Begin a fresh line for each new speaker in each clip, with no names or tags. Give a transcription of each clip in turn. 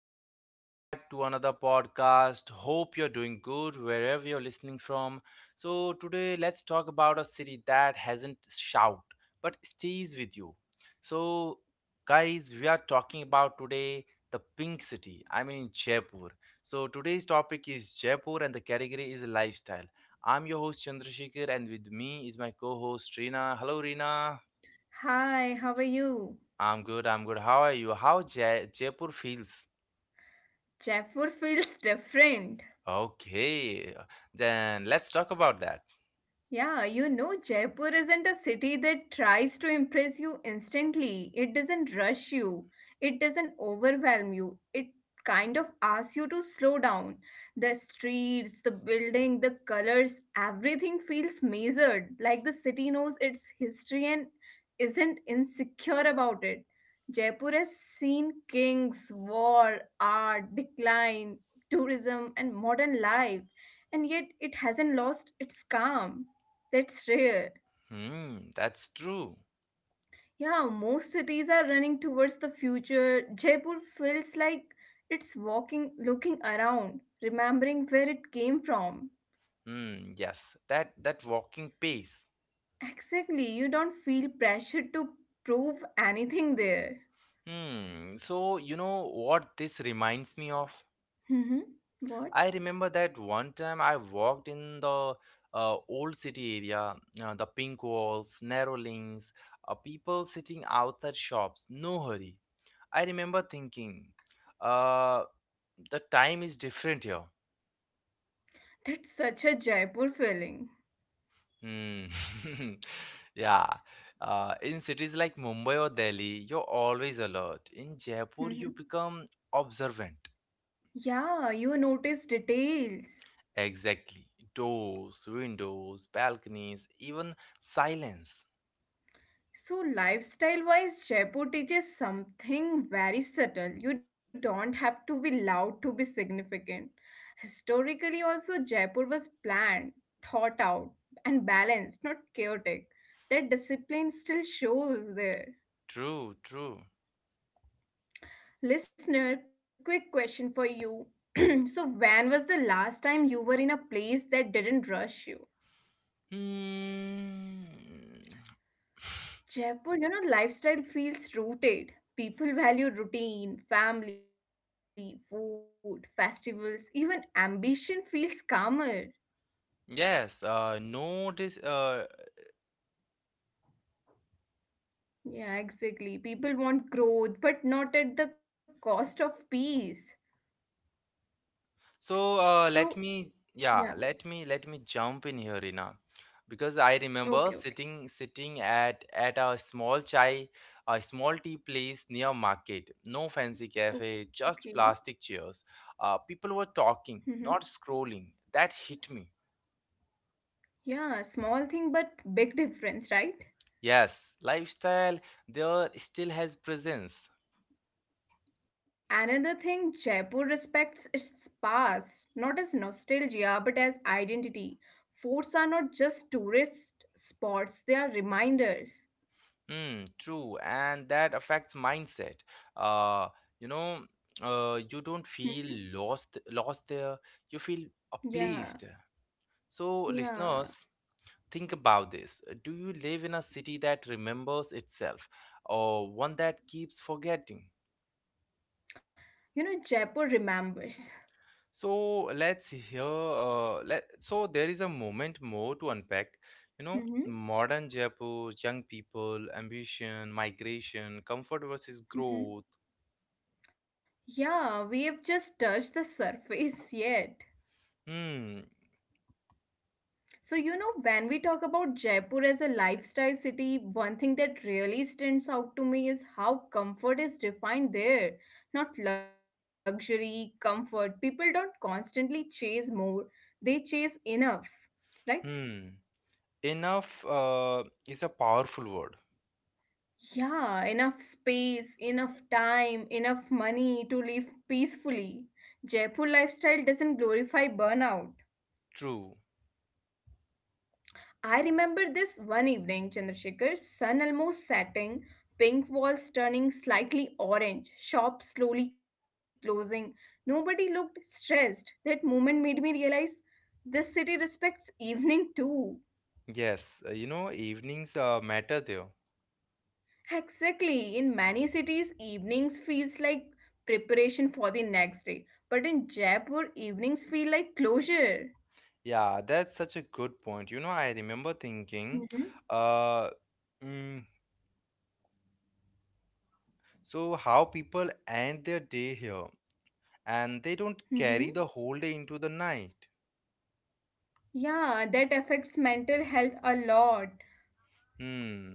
back. Welcome back to another podcast. Hope you're doing good wherever you're listening from. So, today let's talk about a city that hasn't shout but stays with you. So, guys, we are talking about today the pink city. I mean Jaipur. So, today's topic is Jaipur and the category is lifestyle. I'm your host Chandrasekhar and with me is my co-host Reena. Hello Reena.
Hi, how are you?
I'm good. I'm good. How are you? How Ja Jaipur feels?
Jaipur feels different.
Okay, then let's talk about that.
Yeah, Jaipur isn't a city that tries to impress you instantly. It doesn't rush you, it doesn't overwhelm you. It kind of asks you to slow down. The streets, the building, the colors, everything feels measured, like the city knows its history and isn't insecure about it. Jaipur has seen kings, war, art, decline, tourism, and modern life, and yet it hasn't lost its calm. That's rare.
Hmm, that's true.
Yeah, most cities are running towards the future. Jaipur feels like it's walking, looking around, remembering where it came from.
Hmm, yes, that walking pace.
Exactly, you don't feel pressure to prove anything there.
Hmm, so you know what this reminds me of?
hmm What?
I remember that one time I walked in the old city area, the pink walls, narrow lanes, people sitting outside shops, no hurry. I remember thinking, uh, the time is different here.
That's such a Jaipur feeling.
Mm. Yeah. In cities like Mumbai or Delhi, you're always alert. In Jaipur, you
hmm
become observant.
Yeah, you notice details.
Exactly. Doors, windows, balconies, even silence.
So, lifestyle wise, Jaipur teaches something very subtle. You don't have to be loud to be significant. Historically, also, Jaipur was planned, thought out, and balanced, not chaotic. That discipline still shows there.
True, true.
Listener, quick question for you. So, when was the last time you were in a place that didn't rush you?
Hmm.
Jaipur lifestyle feels rooted. People value routine, family, food, festivals, even ambition feels calmer.
Yes, no dis
Yeah, exactly. People want growth, but not at the cost of peace.
so
So,
let me,
yeah,
yeah, let me jump in here, Rina, because I remember
okay, okay,
sitting at a small chai, a small tea place near market. No fancy cafe,
okay.
just plastic chairs. People were talking,
hmm
not scrolling. That hit me.
Yeah, small thing, but big difference, right?
Yes, lifestyle there still has presence.
Another thing, Jaipur respects its past, not as nostalgia but as identity. Forts are not just tourist spots, they are reminders.
Mm, true, and that affects mindset. Uh, you know, you don't feel
Mhm.
lost there. You feel pleased.
Yeah,
So,
yeah.
listeners, think about this. Do you live in a city that remembers itself, or one that keeps forgetting?
Jaipur remembers.
So let's hear. Let so there is a moment more to unpack. You know,
hmm
modern Jaipur, young people, ambition, migration, comfort versus growth.
hmm Yeah, we have just touched the surface yet.
Hmm.
So, when we talk about Jaipur as a lifestyle city, one thing that really stands out to me is how comfort is defined there. Not luxury, comfort. People don't constantly chase more, they chase enough, right?
Hmm. Enough is a powerful word.
Yeah, enough space, enough time, enough money to live peacefully. Jaipur lifestyle doesn't glorify burnout.
True.
I remember this one evening, Chandrasekhar, sun almost setting, pink walls turning slightly orange, shops slowly closing. Nobody looked stressed. That moment made me realize this city respects evening too.
Yes. You know, evenings matter there.
Exactly. In many cities, evenings feels like preparation for the next day. But in Jaipur, evenings feel like closure.
Yeah, that's such a good point. You know, I remember thinking,
Mm-hmm.
uh, mm, so how people end their day here and they don't
Mm-hmm.
carry the whole day into the night.
Yeah, that affects mental health a lot.
Hmm.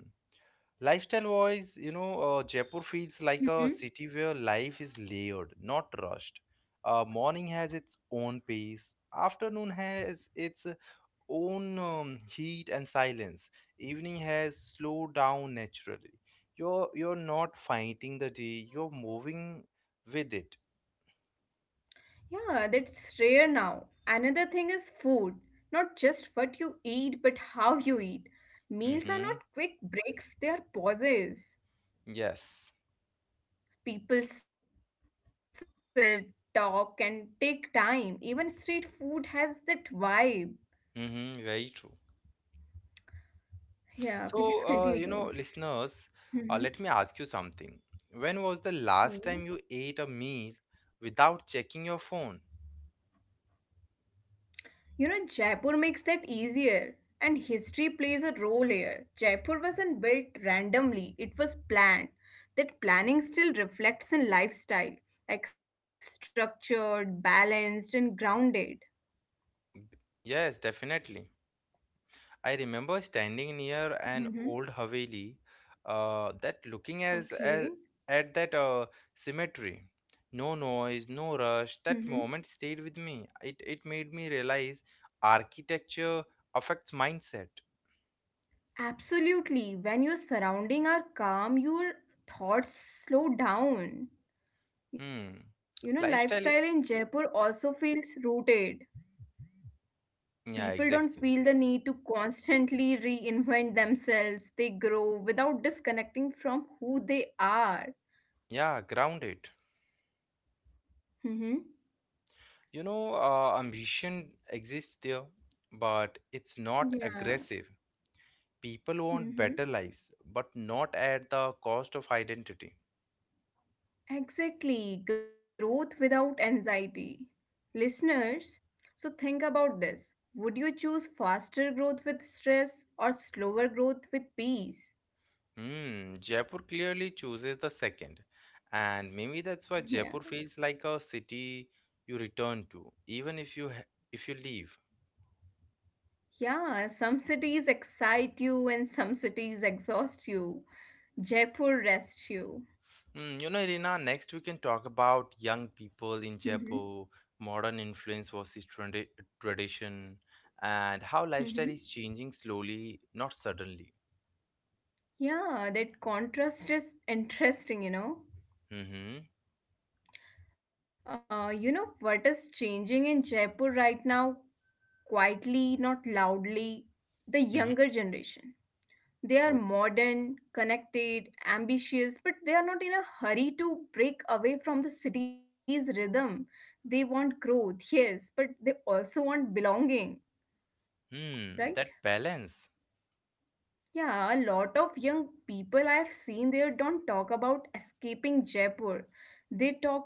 Lifestyle wise, you know, Jaipur feels like a
Mm-hmm.
city where life is layered, not rushed. Morning has its own pace. Afternoon has its own heat and silence. Evening has slowed down naturally. You're not fighting the day. You're moving with it.
Yeah, that's rare now. Another thing is food. Not just what you eat, but how you eat.
Mm-hmm.
Meals are not quick breaks, they are pauses.
Yes.
People sit, talk, and take time. Even street food has that vibe.
Mm-hmm. Very true. So,
Yeah,
you
please
know,
continue.
listeners, let me ask you
Mhm.
something. When was the last time you ate a
Okay.
meal without checking your phone?
Jaipur makes that easier. And history plays a role here. Jaipur wasn't built randomly, it was planned. That planning still reflects in lifestyle, like structured, balanced, and grounded.
B- Yes, definitely. I remember standing near an
hmm
old Haveli that looking
Okay.
as at that cemetery. No noise, no rush.
hmm
That moment stayed with me. It made me realize architecture affects mindset.
Absolutely. When your surrounding are calm, your thoughts slow down.
Hmm.
You know,
Lifestyle. i-
lifestyle in Jaipur also feels rooted.
Yeah,
People don't
exactly.
feel the need to constantly reinvent themselves. They grow without disconnecting from who they are.
Yeah, grounded.
Mm-hmm.
You know, ambition exists there, but it's not
Yeah.
aggressive. People want better
Mm-hmm.
lives, but not at the cost of identity.
Exactly, growth without anxiety. Listeners, so think about this: would you choose faster growth with stress or slower growth with peace?
Hmm, Jaipur clearly chooses the second, and maybe that's why Jaipur
Yeah,
feels like a city you return to, even if you leave.
yeah, some cities excite you and some cities exhaust you. Jaipur rests you.
Hmm, you know, Irina, next we can talk about young people in
Mm-hmm.
Jaipur, modern influence versus tradition, and how lifestyle
Mm-hmm.
is changing slowly, not suddenly.
Yeah, that contrast is interesting.
Mm-hmm.
You know what is changing in Jaipur right now, quietly, not loudly? The
Mm-hmm.
younger generation. They are
Oh,
modern, connected, ambitious, but they are not in a hurry to break away from the city's rhythm. They want growth, yes, but they also want belonging,
hmm,
right?
that balance,
Yeah, a lot of young people I've seen there don't talk about escaping Jaipur.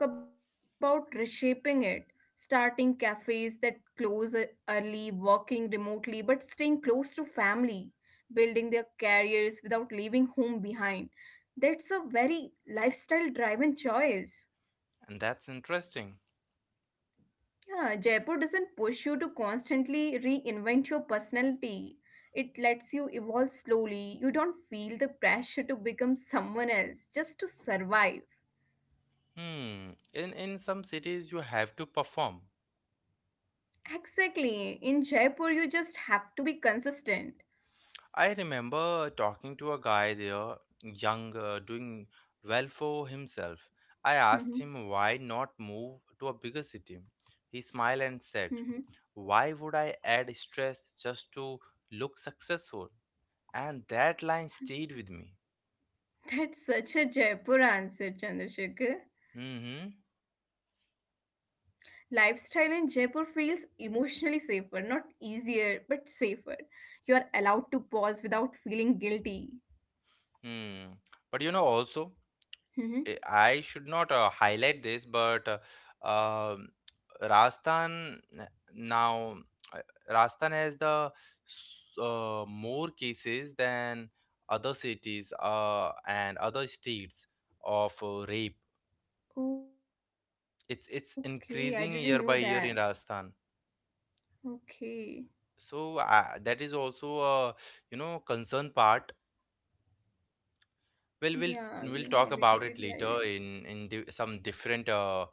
They talk about reshaping it, starting cafes that close e- early, working remotely, but staying close to family, building their careers without leaving home behind. That's a very lifestyle driven choice.
and that's interesting.
Yeah, Jaipur doesn't push you to constantly reinvent your personality. It lets you evolve slowly. You don't feel the pressure to become someone else just to survive.
Hmm. In some cities you have to perform.
Exactly. In Jaipur, you just have to be consistent.
I remember talking to a guy there, young, doing well for himself. I asked
Mhm,
him why not move to a bigger city. He smiled
mhm.
and said, why would I add stress just to look successful? And that line stayed with me.
That's such a Jaipur answer, Chandrasekhar.
Mm-hmm.
Lifestyle in Jaipur feels emotionally safer, not easier, but safer. You are allowed to pause without feeling guilty.
Hmm. But you know, also,
hmm
I should not highlight this, but um, Rajasthan n- now uh, Rajasthan has the more cases than other cities and other states of rape.
Okay, I didn't knew
It's
that.
increasing year by year in Rajasthan.
Okay.
So that is also a you know concern part. Well, we'll
Yeah,
we'll
you
talk about
highlighted
it
it
later
very
in di some different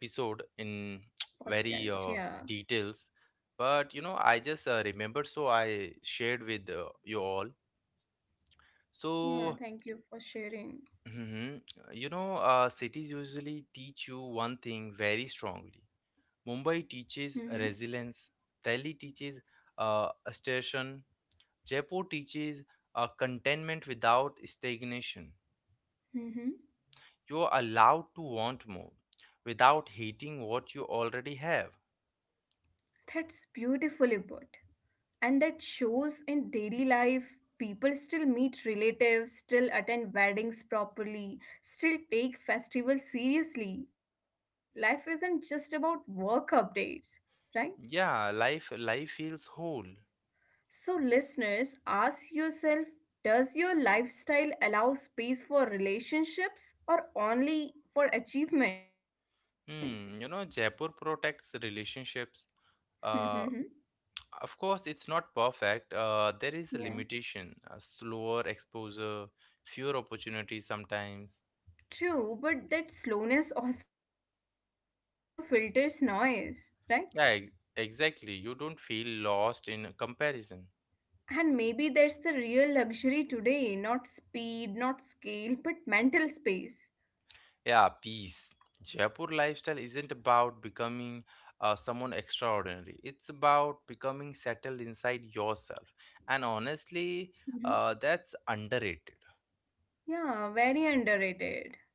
well. Podcast,
in
yeah.
very details. But you know, I just remember, so I shared with you all.
Yeah, thank
So,
you for sharing.
mhm, you know, cities usually teach you one thing very strongly. Mumbai
Mm-hmm.
teaches resilience. Delhi teaches assertion. Jaipur teaches contentment without stagnation.
Mm-hmm.
You're allowed to want more without hating what you already have.
That's beautifully put. And that shows in daily life, people still meet relatives, still attend weddings properly, still take festivals seriously. Life isn't just about work updates, right?
Yeah, life feels whole.
So, listeners, ask yourself, does your lifestyle allow space for relationships or only for achievements?
Hmm, you know, Jaipur protects relationships. Uh, of course, it's not perfect. There is a
Yeah.
limitation, a slower exposure, fewer opportunities sometimes.
True, but that slowness also filters noise, right?
Yeah, exactly. You don't feel lost in comparison.
And maybe that's the real luxury today, not speed, not scale, but mental space.
Yeah, peace. Jaipur lifestyle isn't about becoming someone extraordinary. It's about becoming settled inside yourself. And
Mhm.
honestly, that's underrated.
Yeah, very underrated.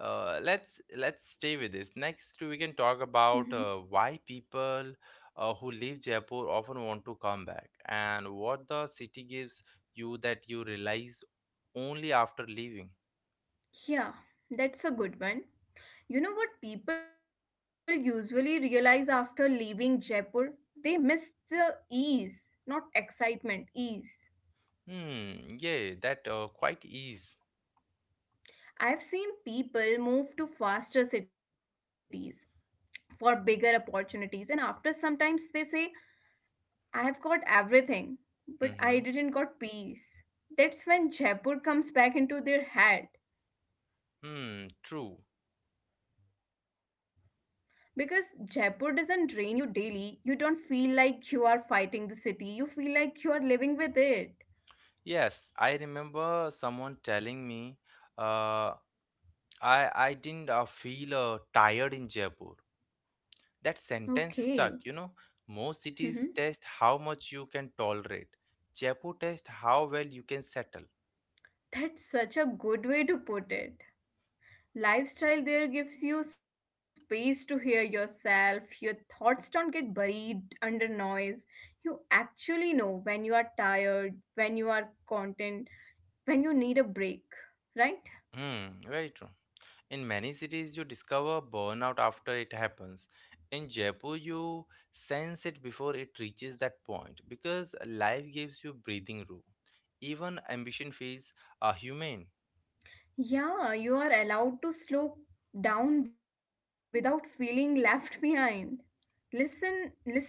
Let's stay with this. Next, we can talk
Mhm.
about why people who leave Jaipur often want to come back, and what the city gives you that you realize only after leaving.
Yeah, that's a good one. You know what people usually realize after leaving Jaipur? They miss the ease, not excitement, ease.
Hmm. Yeah, that quite is.
I've seen people move to faster cities for bigger opportunities, and after sometimes they say, I have got everything, but I didn't
Mm-hmm.
got peace. That's when Jaipur comes back into their head.
Hmm. True.
Because Jaipur doesn't drain you daily, you don't feel like you are fighting the city, you feel like you are living with it.
Yes, I remember someone telling me, uh, I didn't feel tired in Jaipur. That
Okay.
sentence stuck, you know. Most
Mm-hmm.
cities test how much you can tolerate. Jaipur tests how well you can settle.
That's such a good way to put it. Lifestyle there gives you space to hear yourself. Your thoughts don't get buried under noise. You actually know when you are tired, when you are content, when you need a break, right?
Hmm, very true. In many cities, you discover burnout after it happens. In Jaipur, you sense it before it reaches that point because life gives you breathing room. Even ambition feels humane.
Yeah, you are allowed to slow down without feeling left behind. Listen, listener,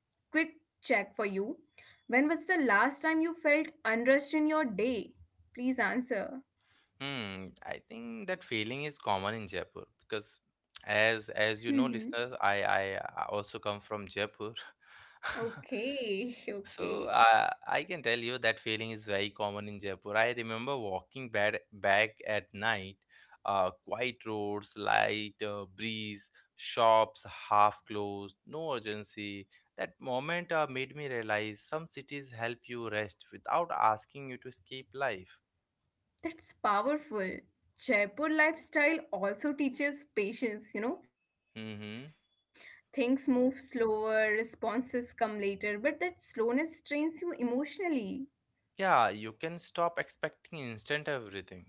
quick check for you. When was the last time you felt unrest in your day? Please answer.
Hmm, I think that feeling is common in Jaipur because
Mm-hmm.
as you know, listeners, I also come from Jaipur.
Okay,
So
okay.
I can tell you that feeling is very common in Jaipur. I remember walking back at night, quiet roads, light breeze, shops half closed, no urgency. That moment made me realize some cities help you rest without asking you to escape life.
That's powerful. Jaipur lifestyle also teaches patience.
Mm-hmm.
Things move slower, responses come later, but that slowness strains you emotionally,
Yeah, you can stop expecting instant everything.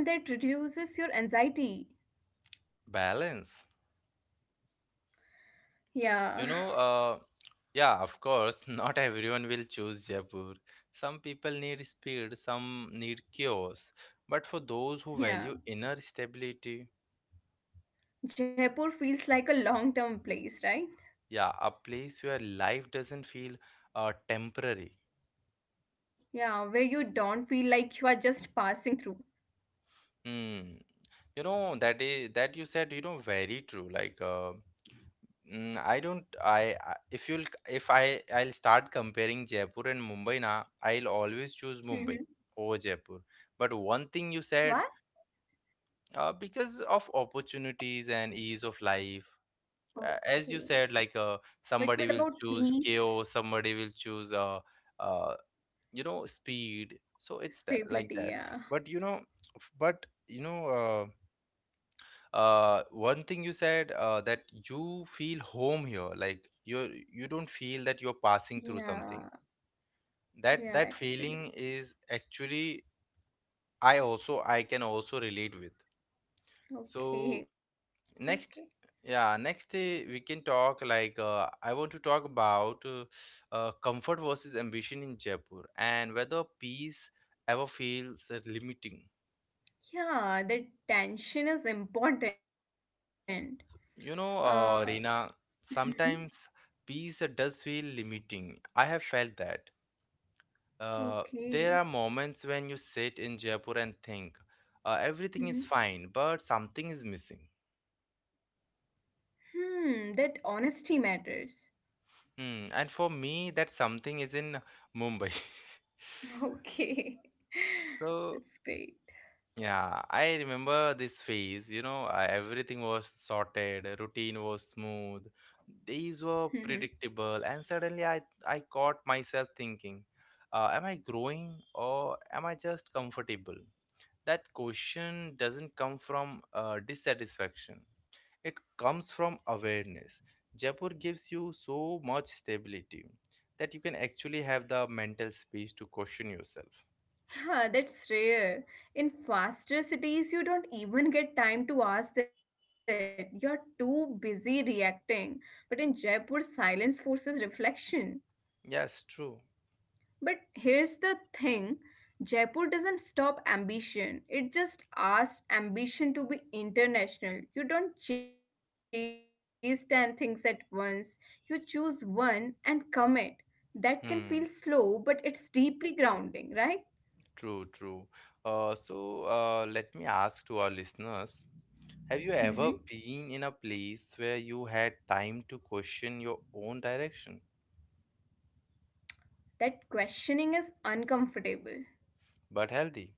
and that reduces your anxiety.
Balance.
Yeah,
You know, yeah, of course, not everyone will choose Jaipur. Some people need speed, some need chaos. But for those who value
yeah.
inner stability,
Jaipur feels like a long term place, right?
yeah, a place where life doesn't feel temporary.
Yeah, where you don't feel like you are just passing through.
Hmm. You know, that is that you said, you know, very true. Like, Mm, I don't. I- if you'll if I I'll start comparing Jaipur and Mumbai now. I'll always choose Mumbai
Mm-hmm.
over Jaipur. But one thing you said,
What?
because of opportunities and ease of life,
Okay.
as you said, like
But what
somebody
about
will choose
peace?
chaos, somebody will choose uh, you know, speed. So it's that like that.
Stability,
But
yeah.
you know, but you know. One thing you said that you feel home here like you don't feel that you're passing through something.
Yeah,
That that
yeah,
feeling
actually.
is actually, I also I can also relate with. So
Okay, okay.
next, yeah, next we can talk like I want to talk about comfort versus ambition in Jaipur and whether peace ever feels limiting.
Yeah, the tension is important.
You know,
Uh,
Reena,
mhm,
sometimes peace does feel limiting. I have felt that. Uh, there are
okay.
moments when you sit in Jaipur and think, everything is
Mhm.
fine, but something is missing.
Hmm, that honesty matters.
Hmm. And for me, that something is in Mumbai.
Okay.
So
That's great.
yeah, I remember this phase. You know, everything was sorted, routine was smooth,
Mhm.
days were predictable, and suddenly I caught myself thinking, am I growing or am I just comfortable? That question doesn't come from dissatisfaction. It comes from awareness. Jaipur gives you so much stability that you can actually have the mental space to question yourself.
Yeah, that's rare. In faster cities, you don't even get time to ask that. You're too busy reacting. But in Jaipur, silence forces reflection.
Yes, true.
But here's the thing, Jaipur doesn't stop ambition, it just asks ambition to be international. You don't chase 10 things at once, you choose one and commit. That can feel
Hmm.
slow, but it's deeply grounding, right?
True, true. So let me ask to our listeners, have you ever been in a
hmm
place where you had time to question your own direction,
That questioning is uncomfortable.
but healthy?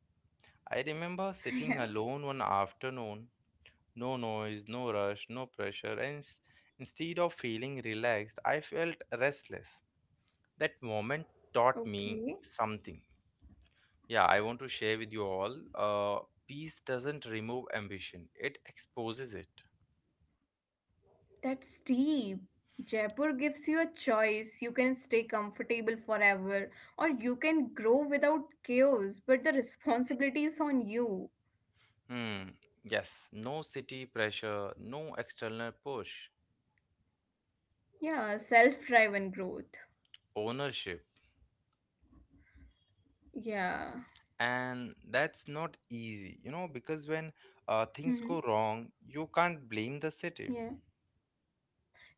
I remember sitting alone
Yeah.
one afternoon, no noise, no rush, no pressure, and instead of feeling relaxed, I felt restless. That moment taught me
Okay.
something. Yeah, I want to share with you all. Peace doesn't remove ambition, it exposes it.
That's deep. Jaipur gives you a choice. You can stay comfortable forever, or you can grow without chaos, but the responsibility is on you.
Hmm. Yes, no city pressure, no external push,
Yeah, self driven growth.
ownership.
Yeah.
And that's not easy, you know, because when things go
hmm
wrong, you can't blame the city.
Yeah.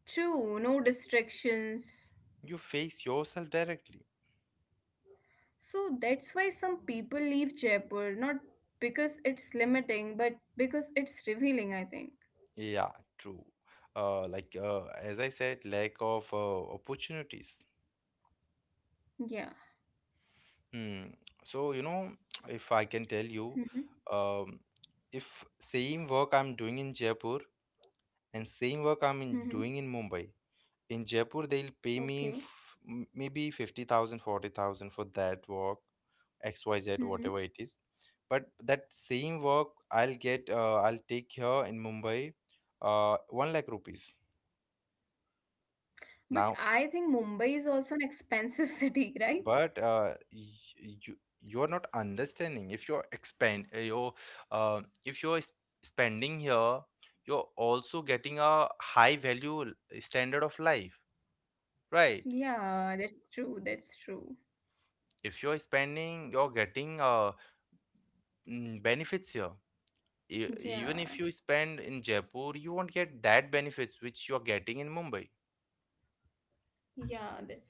True, no distractions.
You face yourself directly.
So that's why some people leave Jaipur, not because it's limiting, but because it's revealing, I think.
Yeah, true. Like as I said, lack of opportunities.
Yeah.
Hmm. So, you know, if I can tell you,
Mm-hmm.
um, if same work I'm doing in Jaipur and same work
Mm-hmm.
I'm in doing in Mumbai, in Jaipur, they'll pay
Okay.
me maybe 50,000, 40,000 for that work, XYZ, whatever it
Mm-hmm.
is. But that same work I'll get, I'll take here in Mumbai, 1 lakh rupees.
But I
Now,
think Mumbai is also an expensive city, right?
but you're not understanding. If you're expand, if you're spending here, you're also getting a high value standard of life, right?
Yeah, that's true. That's true.
If you're spending, you're getting a benefits here. Even if you spend
Yeah,
in Jaipur, you won't get that benefits which you're getting in Mumbai.
yeah, that's true.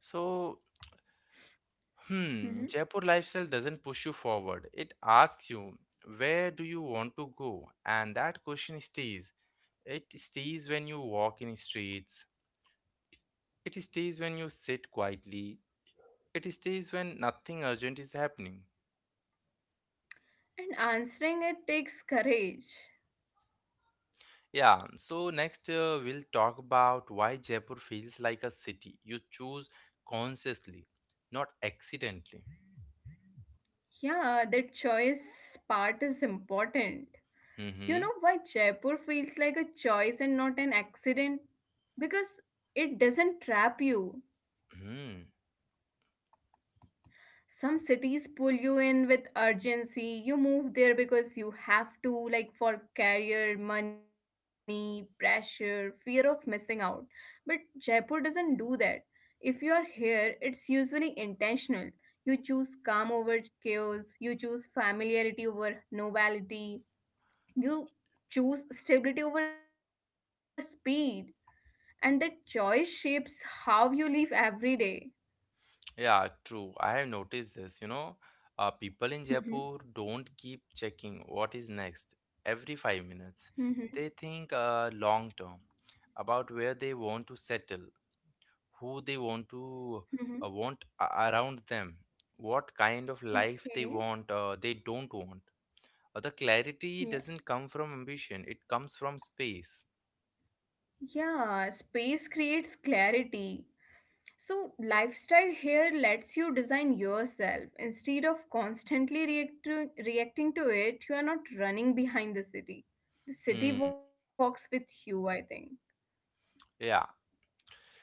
So, hmm,
hmm
Jaipur lifestyle doesn't push you forward. It asks you, where do you want to go? And that question stays. It stays when you walk in streets. It stays when you sit quietly. It stays when nothing urgent is happening.
And answering it takes courage.
Yeah, so next we'll talk about why Jaipur feels like a city you choose consciously, not accidentally.
Yeah, that choice part is important. You
Mm-hmm.
know why Jaipur feels like a choice and not an accident? Because it doesn't trap you.
Hmm.
Some cities pull you in with urgency, you move there because you have to, like for career, money pressure, fear of missing out. But Jaipur doesn't do that. If you are here, it's usually intentional. You choose calm over chaos, you choose familiarity over novelty, you choose stability over speed. And that choice shapes how you live every day.
Yeah, true. I have noticed this. People in
Mhm.
Jaipur don't keep checking what is next every 5 minutes.
Mhm.
They think long term about where they want to settle, who they want to
Mhm.
around them, what kind of life they
Okay.
want, they don't want. The clarity doesn't come from ambition, it comes from space.
Yeah, space creates clarity. So, lifestyle here lets you design yourself. Instead of constantly reacting to it, you are not running behind the city. The city
Hmm.
walks with you, I think.
Yeah.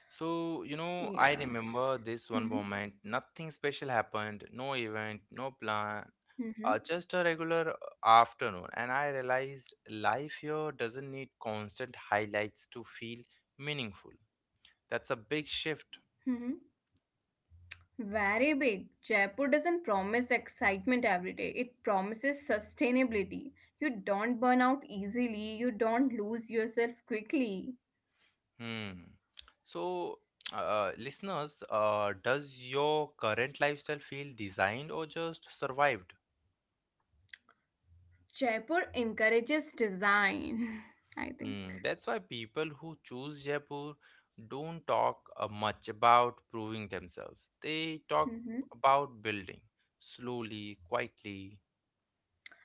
So,
Yeah.
I remember this
Mm-hmm.
one moment. Nothing special happened, no event, no plan,
Mm-hmm.
just a regular afternoon. And I realized life here doesn't need constant highlights to feel meaningful. That's a big shift.
Mm-hmm. Very big. Jaipur doesn't promise excitement every day, it promises sustainability. You don't burn out easily, you don't lose yourself quickly.
Hmm. So, listeners, does your current lifestyle feel designed or just survived?
Jaipur encourages design, I think.
Hmm. That's why people who choose Jaipur don't talk much about proving themselves. They talk
hmm
about building slowly, quietly.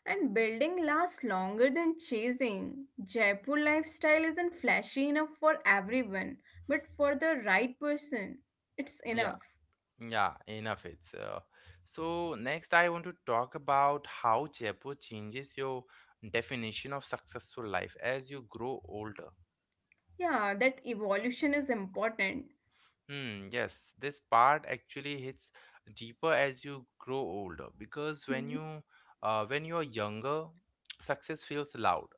And building lasts longer than chasing. Jaipur lifestyle isn't flashy enough for everyone, but for the right person, it's
Yeah,
enough.
yeah, enough. It's so next. I want to talk about how Jaipur changes your definition of successful life as you grow older.
Yeah, that evolution is important.
Hmm, yes, this part actually hits deeper as you grow older because
Mhm.
when you're younger, success feels loud,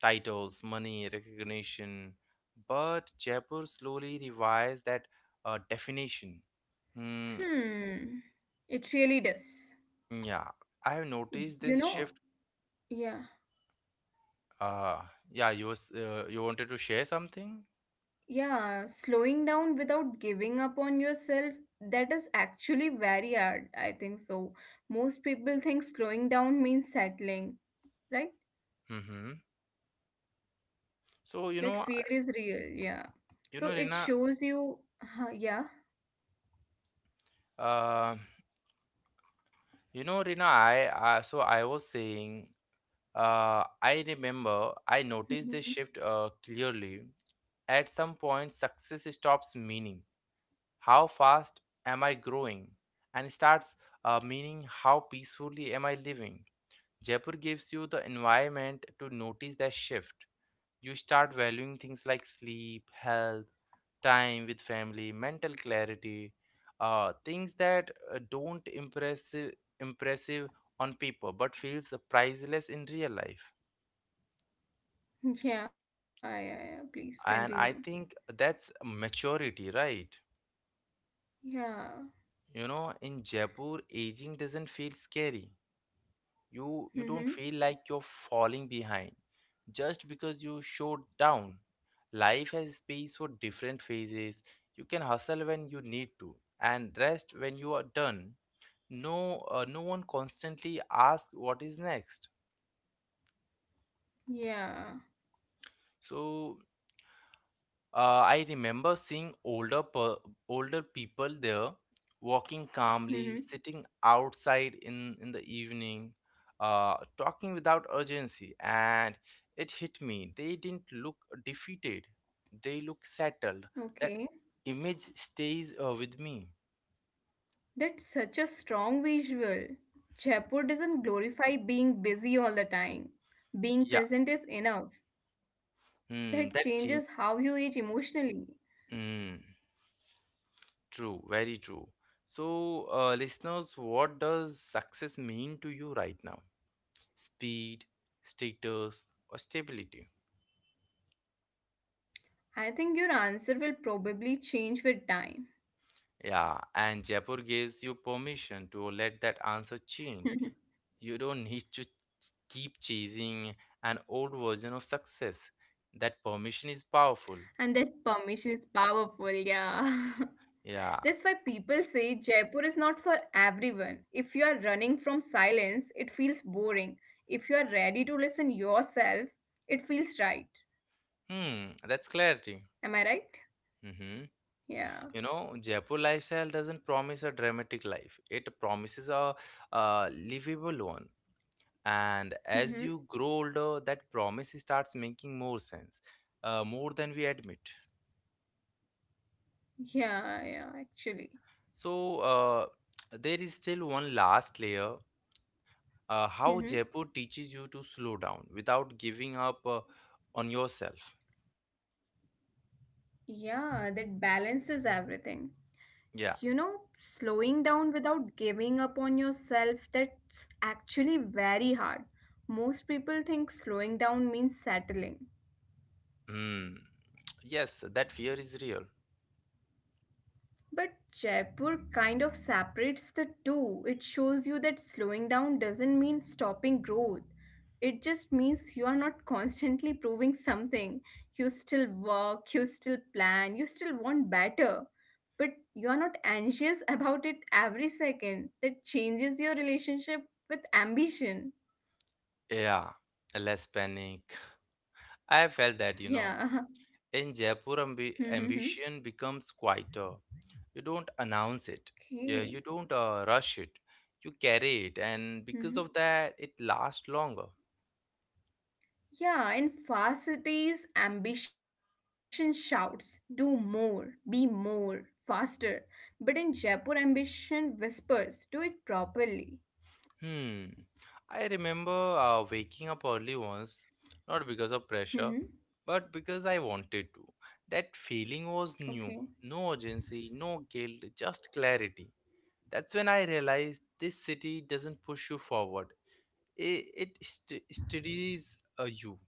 titles, money, recognition. But Jaipur slowly revised that definition. Mm,
Hmm. It really does.
yeah, I have noticed
You
this
know,
shift.
yeah.
Uh, yeah, you wanted to share something?
Yeah, slowing down without giving up on yourself, that is actually very hard, I think so. Most people think slowing down means settling, right?
Mm-hmm. So
That fear is real, yeah. So
you know,
it
Rina,
shows you, huh, yeah.
uh, you know, Rina, I So I was saying, I remember I noticed this
hmm
shift clearly. At some point, success stops meaning how fast am I growing? And starts meaning how peacefully am I living? Jaipur gives you the environment to notice that shift. You start valuing things like sleep, health, time with family, mental clarity, things that don't impressive on paper but feels priceless in real life.
Yeah, yeah, yeah. Please continue.
And I think that's maturity, right?
Yeah.
You know, in Jaipur, aging doesn't feel scary, you
Mm-hmm.
don't feel like you're falling behind just because you showed down. Life has space for different phases, you can hustle when you need to and rest when you are done. No one constantly asks what is next.
Yeah.
So Uh, I remember seeing older people there walking
Mm-hmm.
calmly, sitting outside in the evening, talking without urgency, and it hit me. They didn't look defeated, they look settled.
Okay.
That image stays with me.
That's such a strong visual. Jaipur doesn't glorify being busy all the time.
Yeah,
Being present is enough.
hmm,
That
that change.
changes how you age emotionally.
Mm, true, very true. So, listeners, what does success mean to you right now? Speed, status, or stability.
I think your answer will probably change with time.
Yeah, and Jaipur gives you permission to let that answer change. You don't need to ch- Keep chasing an old version of success. That permission is powerful.
And that permission is powerful, yeah.
Yeah.
That's why people say Jaipur is not for everyone. If you are running from silence, it feels boring. If you are ready to listen yourself, it feels right.
Hmm, that's
Am
clarity.
I right?
Mm-hmm.
Yeah.
You know, Jaipur lifestyle doesn't promise a dramatic life. It promises a livable one, and as you grow
Mhm.
older that promise starts making more sense, more than we admit.
Yeah, yeah, actually.
So there is still one last layer, how Jaipur
Mm-hmm.
teaches you to slow down without giving up on yourself.
Yeah, that balances everything.
Yeah.
You know, slowing down without giving up on yourself, that's actually very hard. Most people think slowing down means settling.
Hmm. Yes, that fear is real.
But Jaipur kind of separates the two. It shows you that slowing down doesn't mean stopping growth. It just means you are not constantly proving something. You still work, you still plan, you still want better. But you are not anxious about it every second. That changes your relationship with ambition.
Yeah, less panic. I felt that, you know,
Yeah.
in Jaipur, ambition becomes quieter. You don't announce it. Yeah,
Okay.
you don't rush it, you carry it, and because
Hmm.
of that it lasts longer.
Yeah, in fast cities, ambition shouts do more, be more, faster. But in Jaipur, ambition whispers do it properly.
Hmm. I remember waking up early once, not because of pressure
Hmm.
but because I wanted to. That feeling was new.
Okay.
No urgency, no guilt, just clarity. That's when I realized this city doesn't push you forward, it steadies you.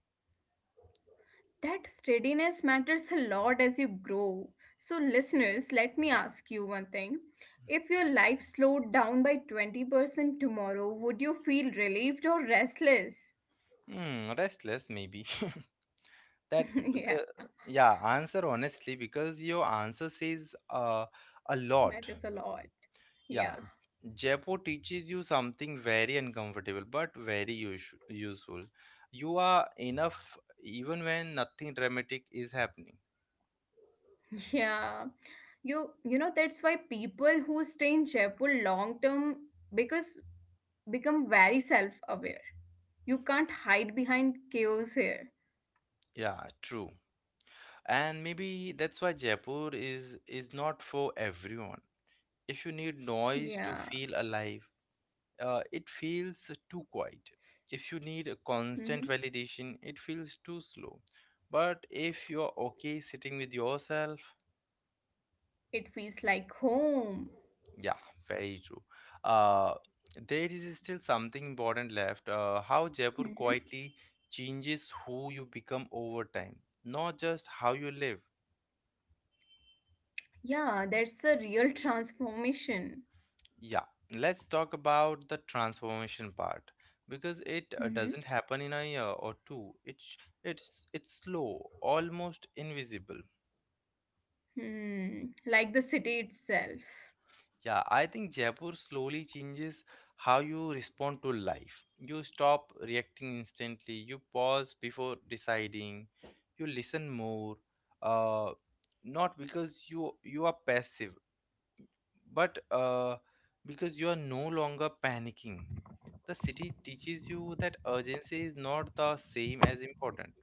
That steadiness matters a lot as you grow. So, listeners, let me ask you one thing. If your life slowed down by 20% tomorrow, would you feel relieved or restless?
Hmm, restless maybe, that because,
Yeah,
yeah, answer honestly, because your answer says a lot.
matters a lot.
Yeah,
Yeah,
Jaipur teaches you something very uncomfortable but useful. You are enough even when nothing dramatic is happening.
yeah. You know that's why people who stay in Jaipur long term because become very self-aware. You can't hide behind chaos here.
Yeah, true. And maybe that's why Jaipur is not for everyone. If you need noise to
Yeah.
feel alive, it feels too quiet. If you need a constant
Hmm.
validation, it feels too slow. But if you're okay sitting with yourself,
It feels like home.
yeah, very true. Uh, there is still something important left. How Jaipur
Hmm.
quietly changes who you become over time, not just how you live.
Yeah, that's a real transformation.
Yeah, let's talk about the transformation part because it
Hmm.
doesn't happen in a year or two. It's slow, almost invisible.
Hmm. Like the city itself.
Yeah, I think Jaipur slowly changes how you respond to life. You stop reacting instantly, you pause before deciding, you listen more. Uh, Not because you are passive, but because you are no longer panicking. The city teaches you that urgency is not the same as important.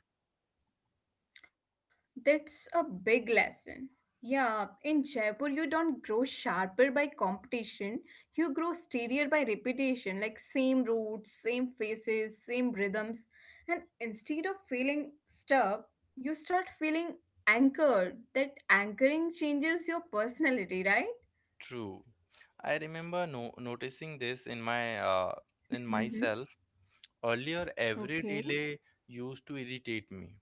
That's a big lesson. Yeah, in Jaipur, you don't grow sharper by competition. You grow steadier by repetition, like same routes, same faces, same rhythms. And instead of feeling stuck, you start feeling anchored. That anchoring changes your personality, right?
True. I remember noticing this in my in
Mm-hmm.
myself. Earlier, every
Okay.
delay used to irritate me.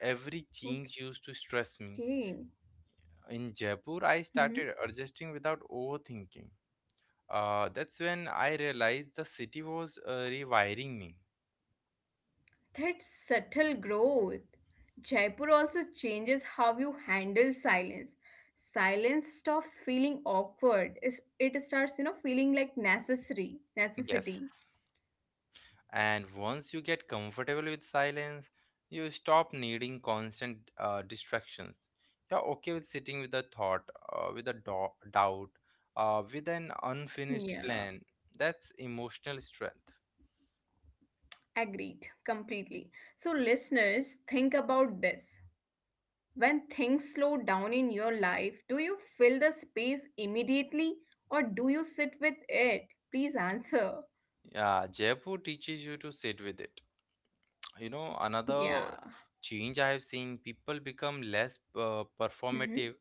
Every change used to
Okay.
stress me. In
Mm-hmm.
Jaipur, I started adjusting without overthinking. That's when I realized the city was rewiring me.
That subtle growth. Jaipur also changes how you handle silence. Silence stops feeling awkward. It starts, you know, feeling like necessary.
Yes.
Necessity.
And once you get comfortable with silence, you stop needing constant distractions. You're okay with sitting with a thought, doubt, with an unfinished
Yeah,
plan. That's emotional strength.
agreed completely. So, listeners, think about this. When things slow down in your life, do you fill the space immediately or do you sit with it? Please answer.
Yeah, Jaipur teaches you to sit with it. You know, another
Yeah.
change I have seen, people become less
Mm-hmm.
performative.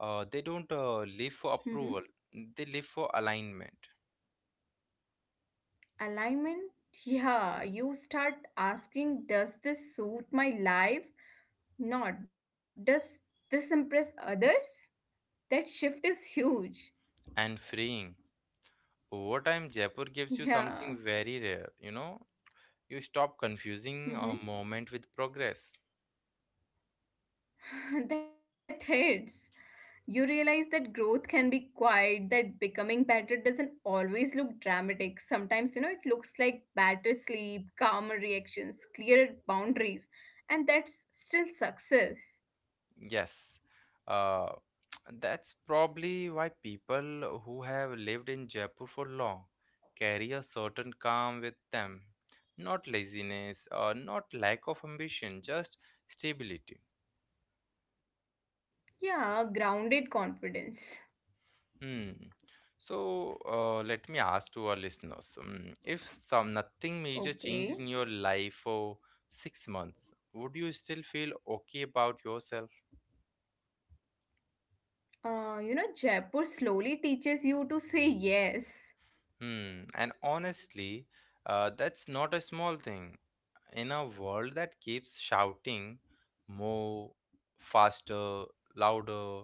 They don't live for
Mm-hmm.
approval, they live for alignment
Alignment. Yeah, you start asking does this suit my life, not does this impress others. That shift is huge.
and freeing. Over time, Jaipur gives you something
Yeah.
very rare. You know, you stop confusing a
Mhm.
moment with progress.
That hits. You realize that growth can be quiet, that becoming better doesn't always look dramatic. Sometimes, you know, it looks like better sleep, calmer reactions, clearer boundaries, and that's still success.
Yes, uh, that's probably why people who have lived in Jaipur for long carry a certain calm with them. Not laziness or not lack of ambition, just stability.
Yeah, grounded confidence.
Hmm. So let me ask to our listeners, if some nothing major changed in
Okay.
your life for 6 months, would you still feel okay about yourself?
You know, Jaipur slowly teaches you to say yes.
Hmm. And honestly, that's not a small thing. In a world that keeps shouting more, faster, louder,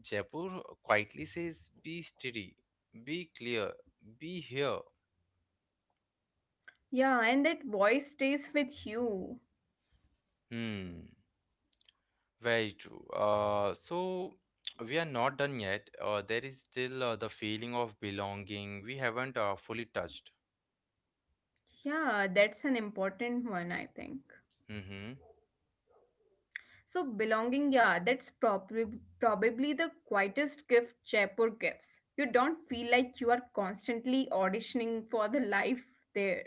Jaipur quietly says, be steady, be clear, be here.
Yeah, and that voice stays with you.
Hmm. Very true. So we are not done yet. There is still the feeling of belonging we haven't fully touched.
Yeah, that's an important one, I think.
Mm-hmm.
So, belonging, yeah, that's probably the quietest gift Jaipur gives. You don't feel like you are constantly auditioning for the life there.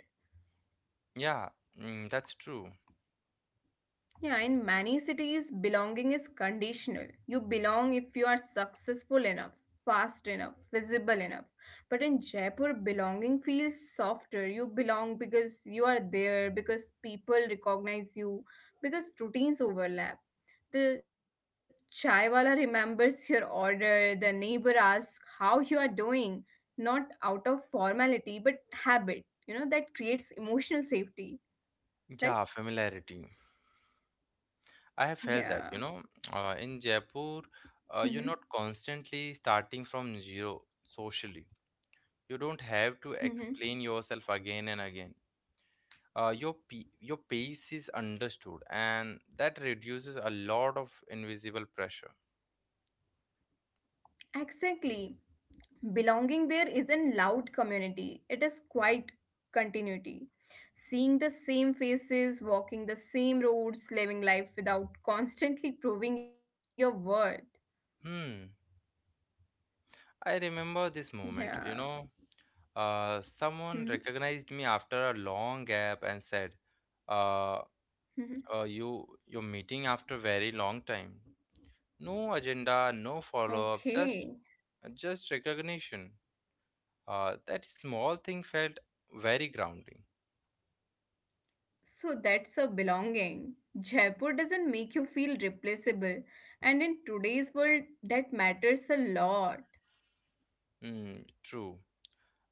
Yeah, mm, that's true.
Yeah, in many cities, belonging is conditional. You belong if you are successful enough, fast enough, visible enough. But in Jaipur, belonging feels softer. You belong because you are there, because people recognize you, because routines overlap. The chaiwala remembers your order, the neighbor asks how you are doing, not out of formality, but habit. You know, that creates emotional safety, right?
Yeah, familiarity. I have felt that,
Yeah.
you know, in Jaipur, you're not constantly starting from zero socially. You don't have to explain yourself again and again. Your pace is understood, and that reduces a lot of invisible pressure.
Exactly. Belonging there isn't loud community, it is quite continuity. Seeing the same faces, walking the same roads, living life without constantly proving your worth.
Hmm. I remember this moment.
Yeah.
You know,
Hmm.
someone recognized me after a long gap and said, uh,
Hmm.
you you're meeting after very long time. No agenda, no follow up,
Okay.
just recognition. That small thing felt very grounding.
So that's a belonging. Jaipur doesn't make you feel replaceable, and in today's world, that matters a lot.
Mm, true.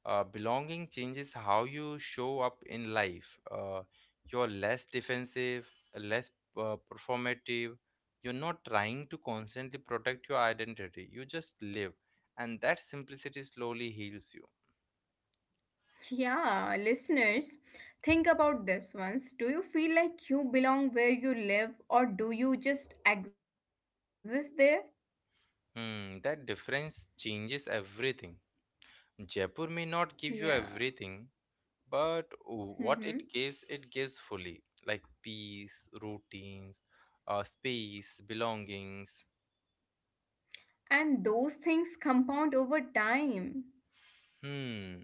Belonging changes how you show up in life. You're less defensive, less performative. You're not trying to constantly protect your identity. You just live, and that simplicity slowly heals you.
Yeah, listeners, think about this once. Do you feel like you belong where you live or do you just exist there?
Hmm, that difference changes everything. Jaipur may not give
Yeah.
you everything, but what
Mm-hmm.
it gives fully, like peace, routines, space, belongings.
And those things compound over time.
Hmm.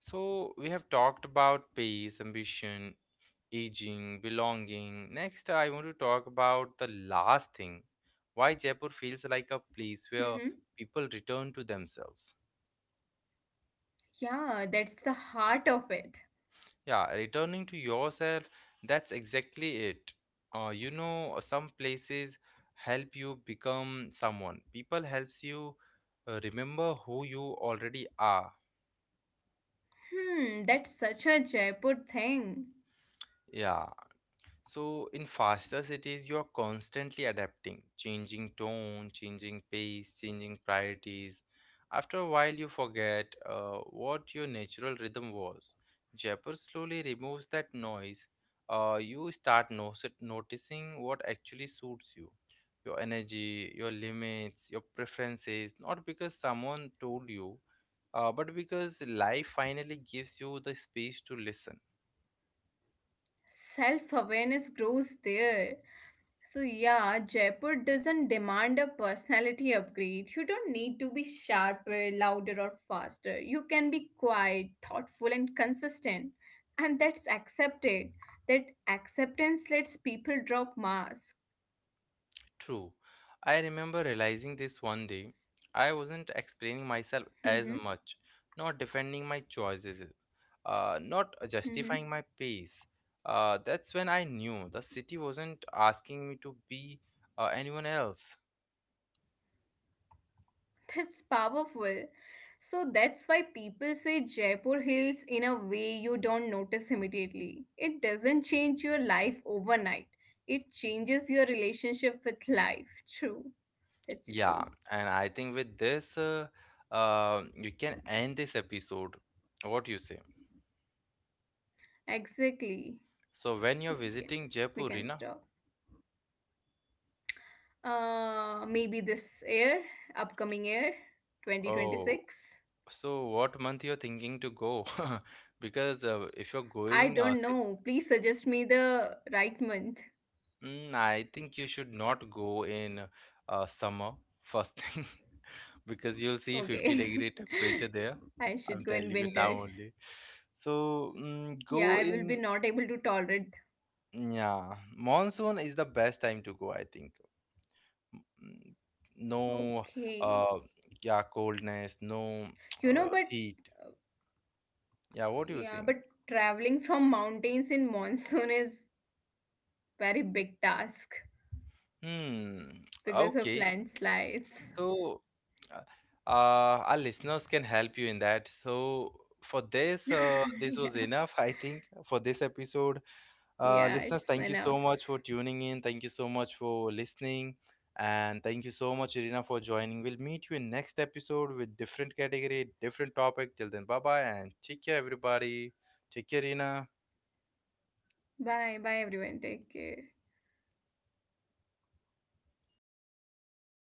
So we have talked about pace, ambition, aging, belonging. Next, I want to talk about the last thing. Why Jaipur feels like a
Mm-hmm.
place where people return to themselves.
Yeah, that's the heart of it.
Yeah, returning to yourself, that's exactly it. You know, some places help you become someone. People helps you remember who you already are.
Hmm, that's such a Jaipur thing.
Yeah. So, in faster cities, you're constantly adapting, changing tone, changing pace, changing priorities. After a while, you forget what your natural rhythm was. Jepper slowly removes that noise. You start noticing what actually suits you, your energy, your limits, your preferences, not because someone told you, but because life finally gives you the space to listen.
Self awareness grows there. So yeah, Jaipur doesn't demand a personality upgrade. You don't need to be sharper, louder, or faster. You can be quiet, thoughtful, and consistent. And that's accepted. That acceptance lets people drop masks.
True. I remember realizing this one day. I wasn't explaining myself
Mm-hmm.
as much, not defending my choices, not
Mm-hmm.
justifying my pace. That's when I knew the city wasn't asking me to be anyone else.
That's powerful. So that's why people say Jaipur heals in a way you don't notice immediately. It doesn't change your life overnight. It changes your relationship with life. True. It's true.
Yeah, and I think with this, you can end this episode. What do you say?
Exactly.
So when you're
We can,
visiting
we
Jaipur,
can
Rina,
stop. Maybe this year, upcoming year,
oh,
2026.
so what month you're thinking to go? Because if you're
I
going,
don't
say,
know. Please suggest me the right month.
mm, I think you should not go in summer first thing because you'll see
Okay.
50-degree temperature there.
I should go
I'm
in
telling you
winters.
now only. So mm,
Yeah,
go
I will be
in,
not able to tolerate.
yeah, monsoon is the best time to go, I think. Mm, no,
Okay.
uh, yeah, coldness, no
You know, but
heat.
uh,
Yeah, what do you
yeah,
think?
but traveling from mountains in monsoon is very big task
Hmm.
because of
Okay,
landslides.
so, uh, our listeners can help you in that. So, for this, this was
Yeah.
enough, I think, for this episode.
Yeah, it's
Listeners, thank you
enough.
so much for tuning in. Thank you so much for listening. And thank you so much, Irina, for joining. We'll meet you in next episode with different category, different topic. Till then, bye bye and take care, everybody. Take care, Irina.
Bye, bye everyone. Take care.